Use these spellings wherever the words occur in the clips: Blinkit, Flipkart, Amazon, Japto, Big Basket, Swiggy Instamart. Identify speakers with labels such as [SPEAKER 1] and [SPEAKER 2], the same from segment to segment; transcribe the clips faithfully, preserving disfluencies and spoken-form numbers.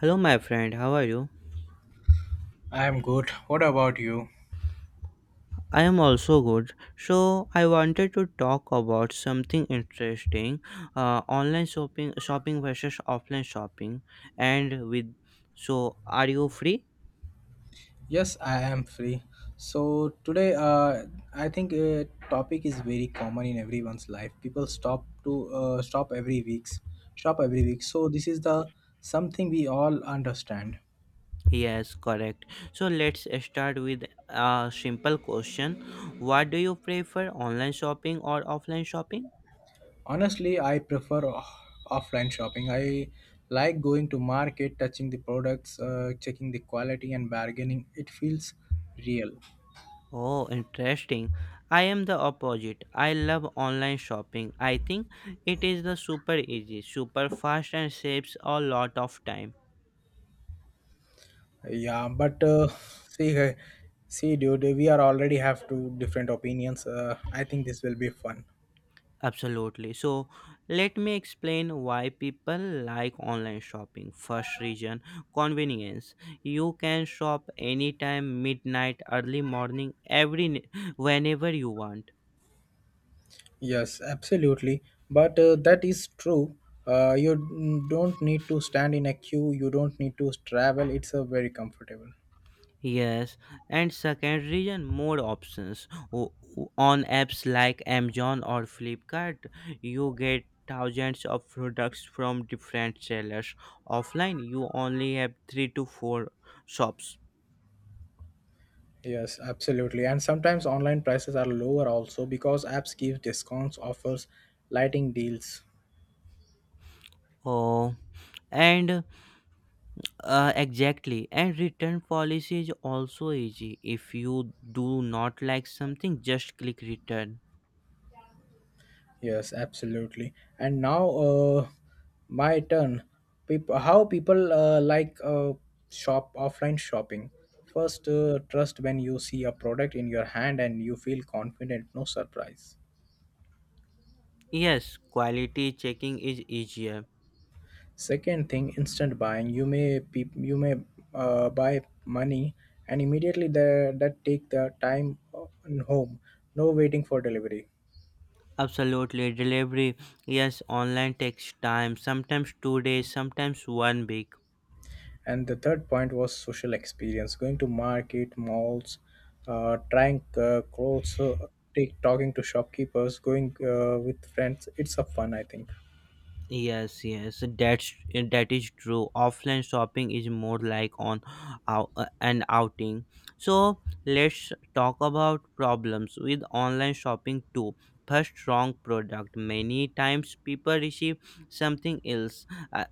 [SPEAKER 1] Hello, my friend. How are you?
[SPEAKER 2] I'm good. What about you?
[SPEAKER 1] I am also good. So I wanted to talk about something interesting: uh, online shopping, shopping versus offline shopping. And with, so are you free?
[SPEAKER 2] Yes, I am free. So today, uh, I think a topic is very common in everyone's life. People stop to uh, stop every weeks, stop every week. So this is the something we all understand.
[SPEAKER 1] Yes, correct. So let's start with a simple question: what do you prefer, online shopping or offline shopping?
[SPEAKER 2] Honestly, I prefer off- offline shopping. I like going to market, touching the products, uh, checking the quality, and bargaining. It feels real.
[SPEAKER 1] Oh, interesting. I am the opposite. I love online shopping. I think it is the super easy, super fast and saves a lot of time.
[SPEAKER 2] Yeah, but uh, see, uh, see, dude, we are already have two different opinions. Uh, I think this will be fun.
[SPEAKER 1] Absolutely. So, let me explain why people like online shopping. First reason, convenience. You can shop anytime, midnight, early morning, every whenever you want.
[SPEAKER 2] Yes, absolutely. But uh, that is true. Uh, you n- don't need to stand in a queue. You don't need to travel. It's a very comfortable.
[SPEAKER 1] Yes, and second reason more options O- o- on apps like Amazon or Flipkart. You get thousands of products from different sellers. Offline, you only have three to four shops.
[SPEAKER 2] Yes, absolutely. And sometimes online prices are lower also because apps give discounts, offers, lighting deals.
[SPEAKER 1] Oh, and uh, exactly. And return policy is also easy. If you do not like something, just click return.
[SPEAKER 2] Yes, absolutely. And now, uh, my turn. People, how people uh, like uh, shop offline shopping. First, uh, trust when you see a product in your hand and you feel confident. No surprise.
[SPEAKER 1] Yes, quality checking is easier.
[SPEAKER 2] Second thing, instant buying. You may pe- you may uh, buy money and immediately the, that take the time uh, home. No waiting for delivery.
[SPEAKER 1] Absolutely, delivery. Yes, online takes time. Sometimes two days, sometimes one week.
[SPEAKER 2] And the third point was social experience, going to market malls, uh, trying uh, clothes, uh, take, talking to shopkeepers, going uh, with friends. It's a fun, I think.
[SPEAKER 1] Yes, yes, that's that is true. Offline shopping is more like on ou- uh, an outing. So let's talk about problems with online shopping too. First, wrong product. Many times people receive something else. uh,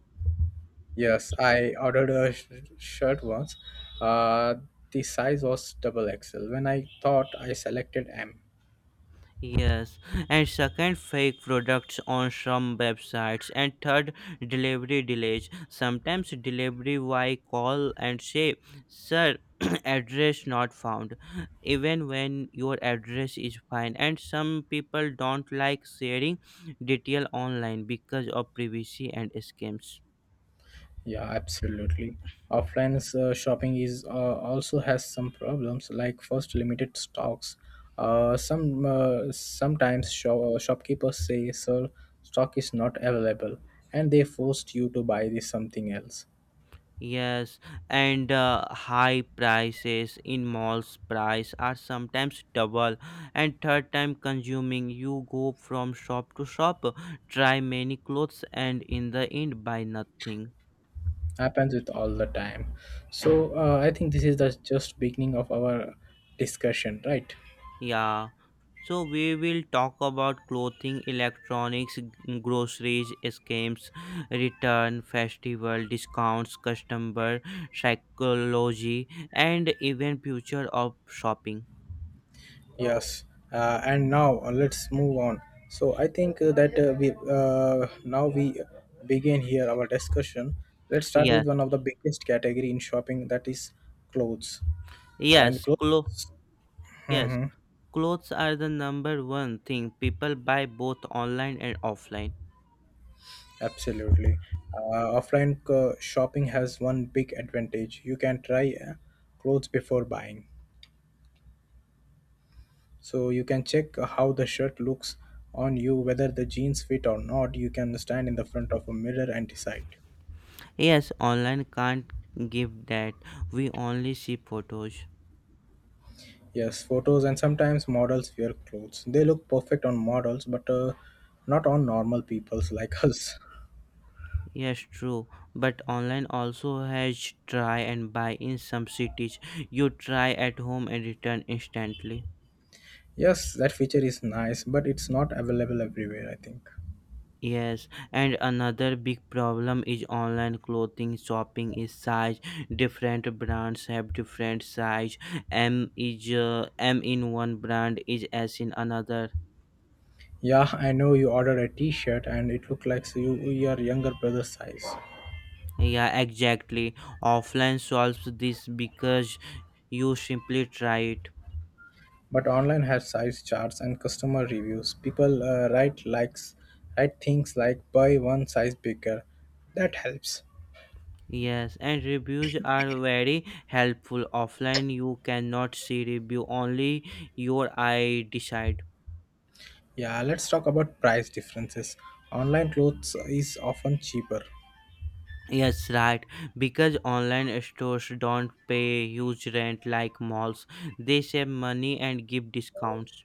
[SPEAKER 2] Yes, I ordered a sh- shirt once, uh, the size was double X L when I thought I selected M.
[SPEAKER 1] Yes, and second, fake products on some websites, and third, delivery delays. Sometimes delivery Y call and say, "Sir, address not found," even when your address is fine. And some people don't like sharing detail online because of privacy and scams.
[SPEAKER 2] Yeah, absolutely. Offline uh, shopping is uh, also has some problems, like first, limited stocks. Uh, some uh, sometimes shop, shopkeepers say, "Sir, stock is not available," and they forced you to buy this something else.
[SPEAKER 1] Yes, and uh, high prices in malls, price are sometimes double, and third, time consuming. You go from shop to shop, try many clothes, and in the end buy nothing.
[SPEAKER 2] Happens with all the time. So uh, I think this is the just beginning of our discussion, right?
[SPEAKER 1] Yeah. So we will talk about clothing, electronics, g- groceries, scams, return, festival, discounts, customer psychology, and even future of shopping.
[SPEAKER 2] Yes, uh, and now uh, let's move on. So I think uh, that uh, we uh, now we begin here our discussion. Let's start
[SPEAKER 1] Yes,
[SPEAKER 2] with one of the biggest category in shopping, that is clothes and
[SPEAKER 1] yes,
[SPEAKER 2] clothes.
[SPEAKER 1] clo- yes,
[SPEAKER 2] Mm-hmm.
[SPEAKER 1] clothes are the number one thing people buy both online and offline.
[SPEAKER 2] Absolutely, uh, offline uh, shopping has one big advantage. You can try uh, clothes before buying, so you can check how the shirt looks on you, whether the jeans fit or not. You can stand in the front of a mirror and decide.
[SPEAKER 1] Yes, online can't give that. We only see photos.
[SPEAKER 2] Yes, photos and sometimes models wear clothes. They look perfect on models, but uh, not on normal peoples like us.
[SPEAKER 1] Yes, true. But online also has try and buy in some cities. You try at home and return instantly.
[SPEAKER 2] Yes, that feature is nice, but it's not available everywhere, I think.
[SPEAKER 1] Yes, and another big problem is online clothing shopping is size. Different brands have different size. M is uh, M in one brand is S in another.
[SPEAKER 2] Yeah, I know you ordered a t-shirt and it looked like so you your younger brother's size.
[SPEAKER 1] Yeah, exactly. Offline solves this because you simply try it.
[SPEAKER 2] But online has size charts and customer reviews. People uh, write likes, write things like buy one size bigger. That helps.
[SPEAKER 1] Yes, and reviews are very helpful. Offline, you cannot see review, only your eye decide.
[SPEAKER 2] Yeah, let's talk about price differences. Online clothes is often cheaper.
[SPEAKER 1] Yes, right. Because online stores don't pay huge rent like malls, they save money and give discounts.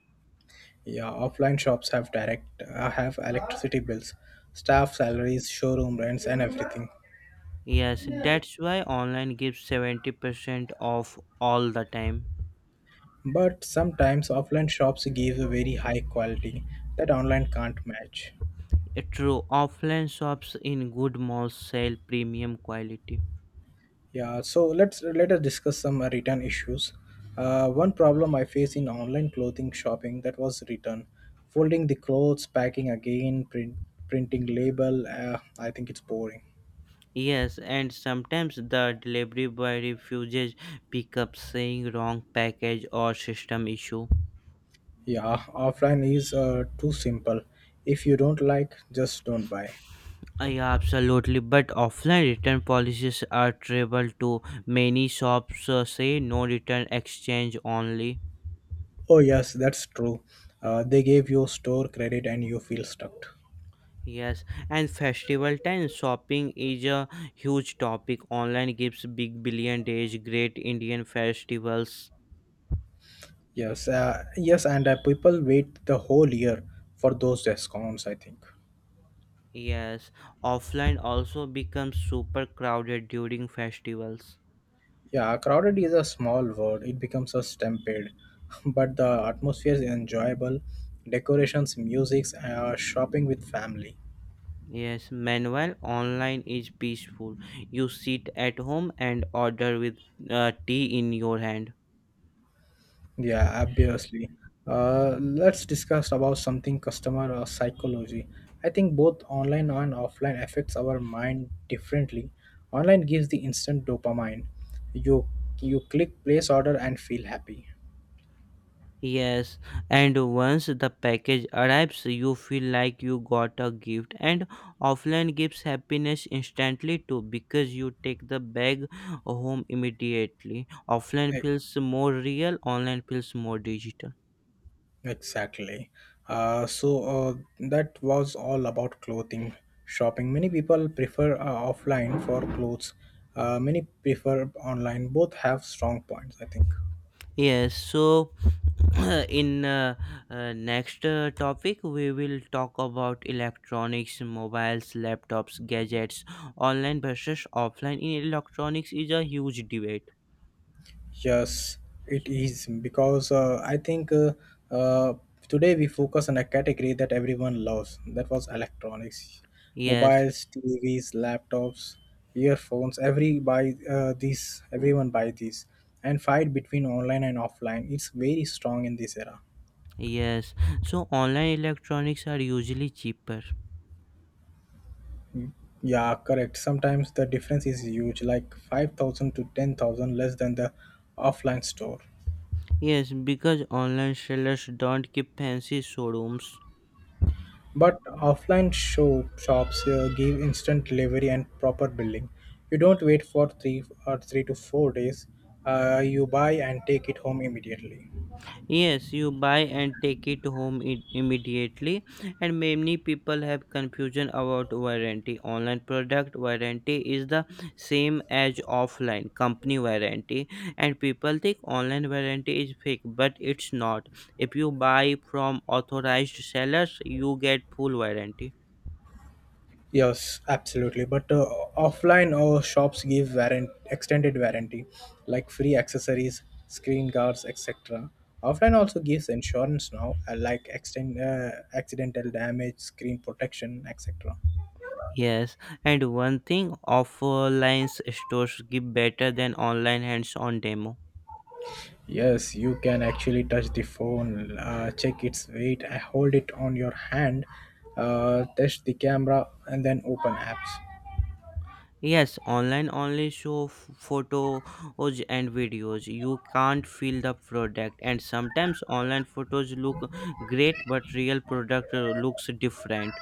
[SPEAKER 2] Yeah, offline shops have direct uh, have electricity bills, staff salaries, showroom rents, and everything.
[SPEAKER 1] Yes, that's why online gives seventy percent off all the time.
[SPEAKER 2] But sometimes offline shops give a very high quality that online can't match.
[SPEAKER 1] True, offline shops in good malls sell premium quality.
[SPEAKER 2] Yeah, so let's let us discuss some uh, return issues. Uh, one problem I face in online clothing shopping, that was return, folding the clothes, packing again, print, printing label. Uh, I think it's boring.
[SPEAKER 1] Yes, and sometimes the delivery boy refuses pickup, saying wrong package or system issue.
[SPEAKER 2] Yeah, offline is uh, too simple. If you don't like, just don't buy.
[SPEAKER 1] Yeah, absolutely. But offline return policies are travel to many shops, uh, say no return, exchange only.
[SPEAKER 2] Oh, yes, that's true. Uh, they gave you store credit and you feel stuck.
[SPEAKER 1] Yes, and festival time shopping is a huge topic. Online gives big billion days, great Indian festivals.
[SPEAKER 2] Yes, uh, yes, and uh, people wait the whole year for those discounts, I think.
[SPEAKER 1] Yes, offline also becomes super crowded during festivals.
[SPEAKER 2] Yeah, crowded is a small word, it becomes a stampede. But the atmosphere is enjoyable, decorations, music, uh, shopping with family.
[SPEAKER 1] Yes, meanwhile, online is peaceful. You sit at home and order with uh, tea in your hand.
[SPEAKER 2] Yeah, obviously. Uh, let's discuss about something customer uh, psychology. I think both online and offline affects our mind differently. Online gives the instant dopamine. You you click place order and feel happy.
[SPEAKER 1] Yes, and once the package arrives, you feel like you got a gift, and offline gives happiness instantly too because you take the bag home immediately. Offline
[SPEAKER 2] E-
[SPEAKER 1] feels more real, online feels more digital.
[SPEAKER 2] Exactly. Uh, so uh, that was all about clothing shopping. Many people prefer uh, offline for clothes. Uh, many prefer online. Both have strong points, I think.
[SPEAKER 1] Yes, so in uh, uh, next uh, topic we will talk about electronics, mobiles, laptops, gadgets. Online versus offline in electronics is a huge debate.
[SPEAKER 2] Yes, it is because uh, I think uh, uh, today we focus on a category that everyone loves. That was
[SPEAKER 1] Y-
[SPEAKER 2] electronics,
[SPEAKER 1] yes
[SPEAKER 2] mobiles, T Vs, laptops, earphones. Every buy uh, these, everyone buy these, and fight between online and offline. It's very strong in this era.
[SPEAKER 1] yes so online electronics are usually cheaper.
[SPEAKER 2] Yeah, correct. Sometimes the difference is huge, like five thousand to ten thousand less than the offline store.
[SPEAKER 1] Yes, because online sellers don't keep fancy showrooms.
[SPEAKER 2] But offline show shops uh, give instant delivery and proper billing. You don't wait for three or three to four days. Uh, you buy and take it home immediately.
[SPEAKER 1] Yes, you buy and take it home it immediately, and many people have confusion about warranty. Online product warranty is the same as offline company warranty, and people think online warranty is fake, but it's not. If you buy from authorized sellers, you get full warranty.
[SPEAKER 2] Yes, absolutely. But uh, offline uh, shops give warrant extended warranty, like free accessories, screen guards, et cetera. Offline also gives insurance now, uh, like extend, uh, accidental damage, screen protection, et cetera.
[SPEAKER 1] Yes, and one thing offline stores give better than online: hands on demo.
[SPEAKER 2] Yes, you can actually touch the phone, uh, check its weight, uh, hold it on your hand, uh, test the camera, and then open apps.
[SPEAKER 1] Yes, online only show f- photos and videos. You can't feel the product, and sometimes online photos look great, but real product uh, looks different.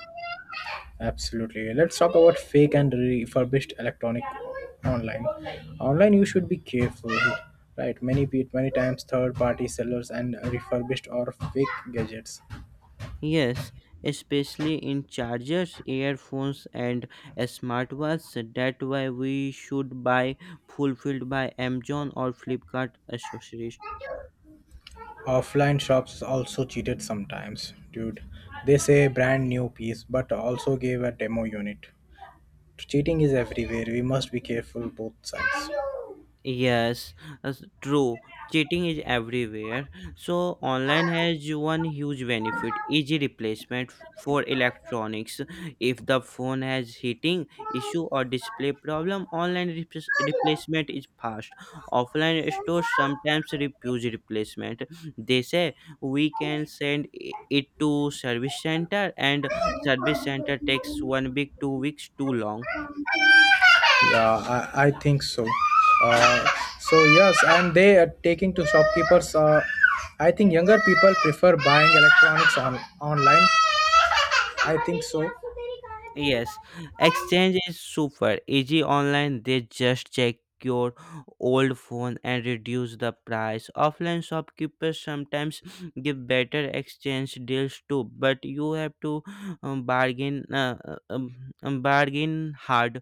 [SPEAKER 2] Absolutely. Let's talk about fake and refurbished electronic online. Online, you should be careful, right? Many pe- many times, third-party sellers and refurbished or fake gadgets.
[SPEAKER 1] Yes, especially in chargers, earphones, and smartwatches. That's why we should buy fulfilled by Amazon or Flipkart accessories.
[SPEAKER 2] Offline shops also cheated sometimes, dude. They say brand new piece, but also gave a demo unit. Cheating is everywhere. We must be careful both sides.
[SPEAKER 1] Yes, that's true. Cheating is everywhere. So online has one huge benefit, easy replacement f- for electronics. If the phone has heating issue or display problem, online repres- replacement is fast. Offline stores sometimes refuse replacement. They say we can send i- it to service center, and service center takes one week, two weeks, too long.
[SPEAKER 2] Yeah, I, I think so. Uh, so yes, and they are taking to shopkeepers. Uh, I think younger people prefer buying electronics on online. I think so.
[SPEAKER 1] Yes, exchange is super easy online. They just check your old phone and reduce the price. Offline shopkeepers sometimes give better exchange deals too, but you have to um, bargain uh, uh, um, um, bargain hard.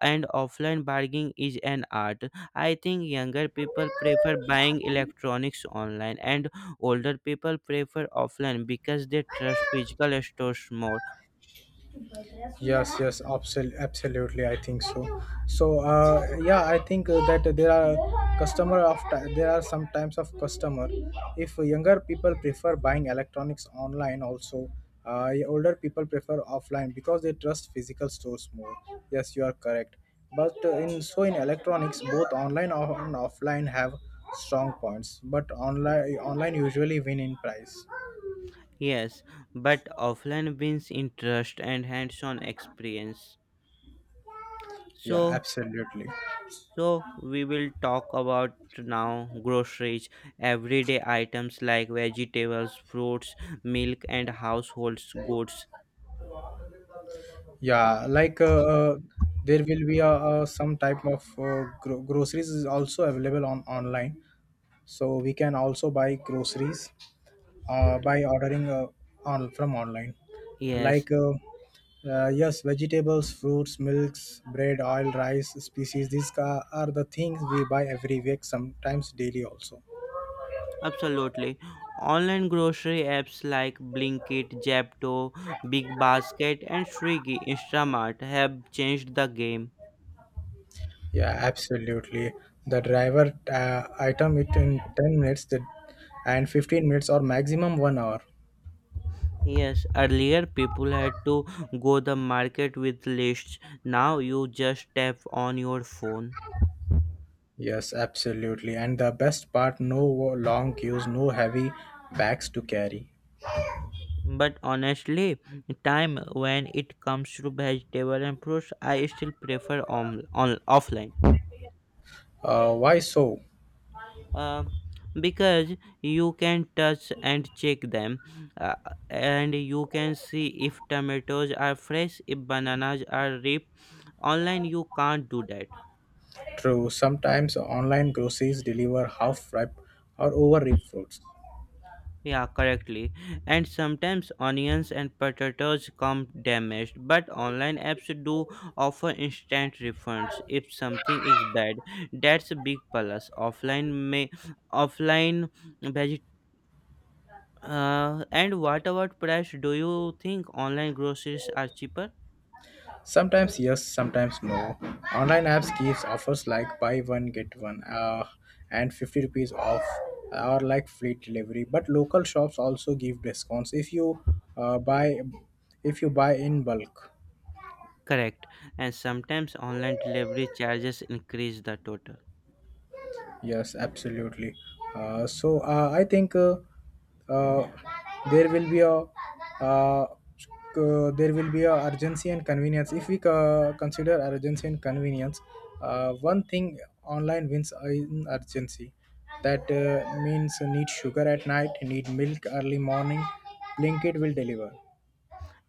[SPEAKER 1] And offline bargaining is an art. I think younger people prefer buying electronics online, and older people prefer offline because they trust physical stores more.
[SPEAKER 2] Yes, yes, absolutely, absolutely, I think so. So uh, yeah, I think uh, that there are customer of ti- there are some types of customer. If younger people prefer buying electronics online also, uh, older people prefer offline because they trust physical stores more. Yes, you are correct. But uh, in so in electronics, both online or- and offline have strong points, but online online usually win in price.
[SPEAKER 1] Yes, but offline wins interest and hands-on experience.
[SPEAKER 2] Yeah,
[SPEAKER 1] So,
[SPEAKER 2] absolutely.
[SPEAKER 1] so we will talk about now groceries, everyday items like vegetables, fruits, milk, and household goods.
[SPEAKER 2] Yeah, like uh, uh, there will be a, uh some type of uh, gro- groceries is also available on online, so we can also buy groceries uh, by ordering uh, on from online,
[SPEAKER 1] Yes,
[SPEAKER 2] like uh, uh, yes, vegetables, fruits, milks, bread, oil, rice, species, these ca- are the things we buy every week, sometimes daily also.
[SPEAKER 1] absolutely. Online grocery apps like Blinkit, Japto, Big Basket, and Swiggy Instamart have changed the game.
[SPEAKER 2] Yeah, absolutely. The driver uh, item it in ten minutes the, and fifteen minutes or maximum one hour.
[SPEAKER 1] Yes, earlier people had to go the market with lists. Now you just tap on your phone.
[SPEAKER 2] Yes, absolutely. And the best part, no long queues, no heavy bags to carry.
[SPEAKER 1] But honestly, time when it comes to vegetable and fruits, I still prefer on, on offline.
[SPEAKER 2] uh, why so?
[SPEAKER 1] Uh, because you can touch and check them, uh, and you can see if tomatoes are fresh, if bananas are ripe. Online you can't do that.
[SPEAKER 2] True, sometimes online groceries deliver half ripe or over ripe fruits.
[SPEAKER 1] Yeah, correctly. And sometimes onions and potatoes come damaged, but online apps do offer instant refunds if something is bad. That's a big plus. Offline may offline veget uh, and what about price? Do you think online groceries are cheaper?
[SPEAKER 2] Sometimes yes, sometimes no. Online apps gives offers like buy one get one, uh, and fifty rupees off or like free delivery. But local shops also give discounts if you uh, buy if you buy in bulk.
[SPEAKER 1] Correct. And sometimes online delivery charges increase the total.
[SPEAKER 2] Yes, absolutely. Uh, so uh, I think uh, uh, there will be a uh, uh, there will be a urgency and convenience. If we co- consider urgency and convenience, uh, one thing, online wins in urgency. That uh, means need sugar at night, need milk early morning, blinkit will deliver.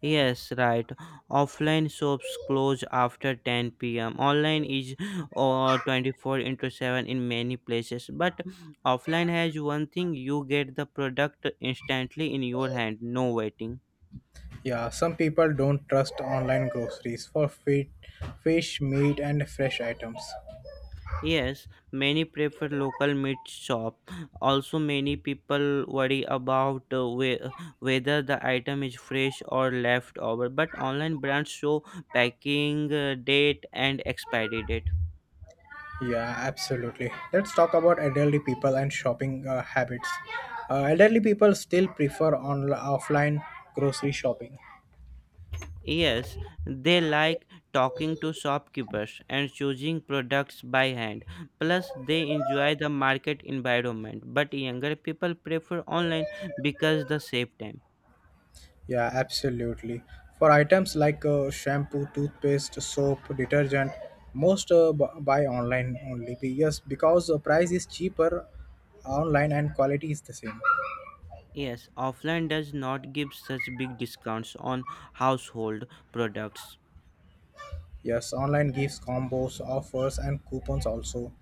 [SPEAKER 1] Yes, right. Offline shops close after ten p m. Online is uh, twenty four into seven in many places. But offline has one thing: you get the product instantly in your hand, no waiting.
[SPEAKER 2] Yeah, some people don't trust online groceries for fit, fish, meat and fresh items.
[SPEAKER 1] Yes, many prefer local meat shop. Also, many people worry about uh, whe- whether the item is fresh or leftover. But online brands show packing uh, date and expiry date.
[SPEAKER 2] Yeah, absolutely. Let's talk about elderly people and shopping uh, habits. Uh, elderly people still prefer on offline grocery shopping.
[SPEAKER 1] Yes, they like talking to shopkeepers and choosing products by hand. Plus, they enjoy the market environment. But younger people prefer online because the save time.
[SPEAKER 2] Yeah, absolutely. For items like uh, shampoo, toothpaste, soap, detergent, most uh, bu- buy online only. Be- Yes, because the price is cheaper online and quality is the same.
[SPEAKER 1] Yes, offline does not give such big discounts on household products.
[SPEAKER 2] Yes, online gives combos, offers, and coupons also.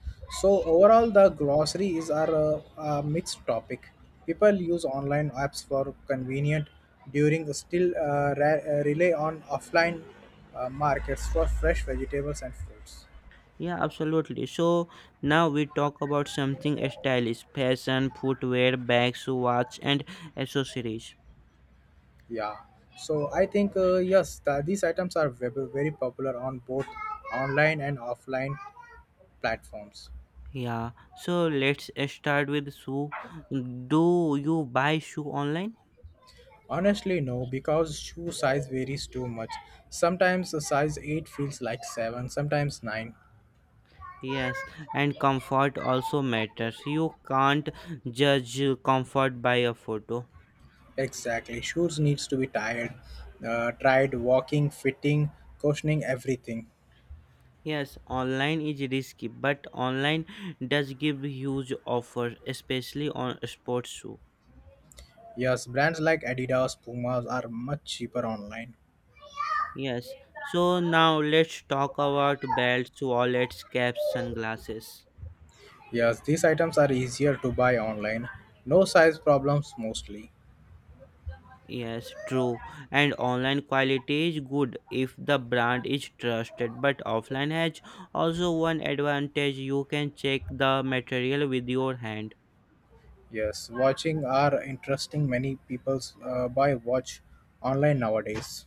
[SPEAKER 2] So overall, the groceries are a, a mixed topic. People use online apps for convenient, during still uh, re- uh, rely on offline uh, markets for fresh vegetables and fruits.
[SPEAKER 1] Yeah, absolutely. So now we talk about something stylish, fashion, footwear, bags, watch, and accessories.
[SPEAKER 2] Yeah. So I think uh, yes, the, these items are very, very popular on both online and offline platforms.
[SPEAKER 1] Yeah, so let's start with shoe. Do you buy shoe online?
[SPEAKER 2] Honestly, no, because shoe size varies too much. Sometimes a size eight feels like seven, sometimes nine.
[SPEAKER 1] Yes, and comfort also matters. You can't judge comfort by a photo.
[SPEAKER 2] Exactly. Shoes needs to be tired, uh, tried walking, fitting, cushioning everything.
[SPEAKER 1] Yes, online is risky, but online does give huge offers, especially on sports shoe.
[SPEAKER 2] Yes, brands like Adidas, Pumas are much cheaper online.
[SPEAKER 1] Yes, so now let's talk about belts, wallets, caps, sunglasses.
[SPEAKER 2] Yes, these items are easier to buy online. No size problems mostly.
[SPEAKER 1] Yes, true. And online quality is good if the brand is trusted, but offline has also one advantage: you can check the material with your hand.
[SPEAKER 2] Yes, watching are interesting. Many people uh, buy watch online nowadays.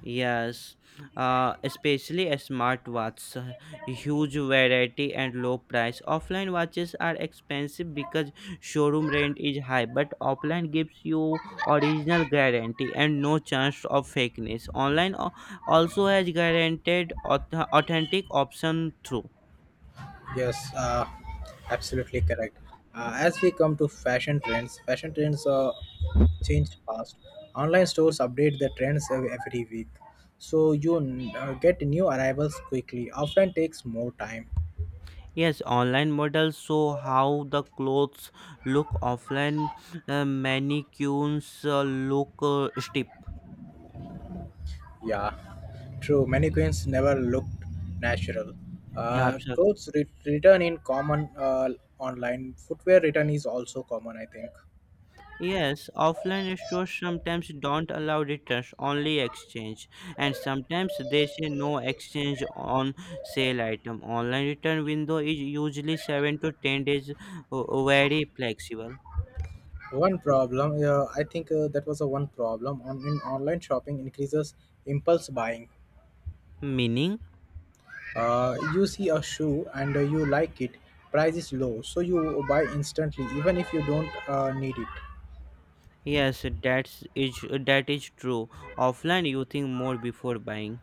[SPEAKER 1] Yes, uh, especially a smartwatch, uh, huge variety and low price. Offline watches are expensive because showroom rent is high, but offline gives you original guarantee and no chance of fakeness. Online al- also has guaranteed auth- authentic option through.
[SPEAKER 2] Yes, uh, absolutely correct. Uh, as we come to fashion trends, fashion trends are changed fast. Online stores update the trends ev- every week, so you n- uh, get new arrivals quickly. Offline takes more time.
[SPEAKER 1] Yes, online models show how the clothes look offline. Uh, mannequins uh, look uh, steep.
[SPEAKER 2] Yeah, true. Mannequins never looked natural.
[SPEAKER 1] Yeah,
[SPEAKER 2] Uh, clothes re- return in common uh, online. Footwear return is also common, I think.
[SPEAKER 1] yes, offline stores sometimes don't allow returns, only exchange, and sometimes they say no exchange on sale item. Online return window is usually seven to ten days, uh, uh, very flexible.
[SPEAKER 2] One problem, uh, I think uh, that was a one problem on in online shopping increases impulse buying.
[SPEAKER 1] Meaning?
[SPEAKER 2] Uh, you see a shoe and uh, you like it, price is low, so you buy instantly even if you don't uh, need it.
[SPEAKER 1] Yes, that's is that is true. Offline you think more before buying.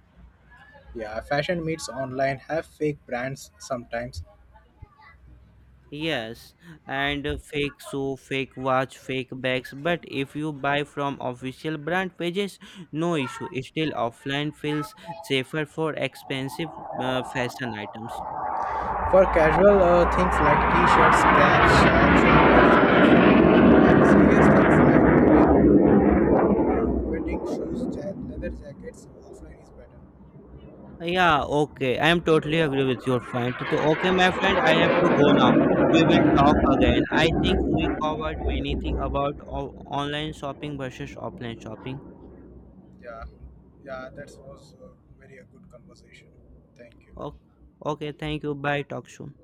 [SPEAKER 2] Yeah, fashion meets online have fake brands sometimes.
[SPEAKER 1] Yes, and uh, fake shoe, fake watch, fake bags. But if you buy from official brand pages, no issue. Still, offline feels safer for expensive uh, fashion items.
[SPEAKER 2] For casual uh, things like t-shirts, caps, shirts, and serious things like uh, wedding shoes, ja- leather jackets, offline is better.
[SPEAKER 1] Yeah, okay. I am totally agree with your point. So, okay, my friend, I have to go now. We will talk again. I think we covered many things about o- online shopping versus offline shopping.
[SPEAKER 2] Yeah, yeah, that was uh, very a good conversation. Thank
[SPEAKER 1] Okay,
[SPEAKER 2] you.
[SPEAKER 1] okay, thank you. Bye. Talk soon.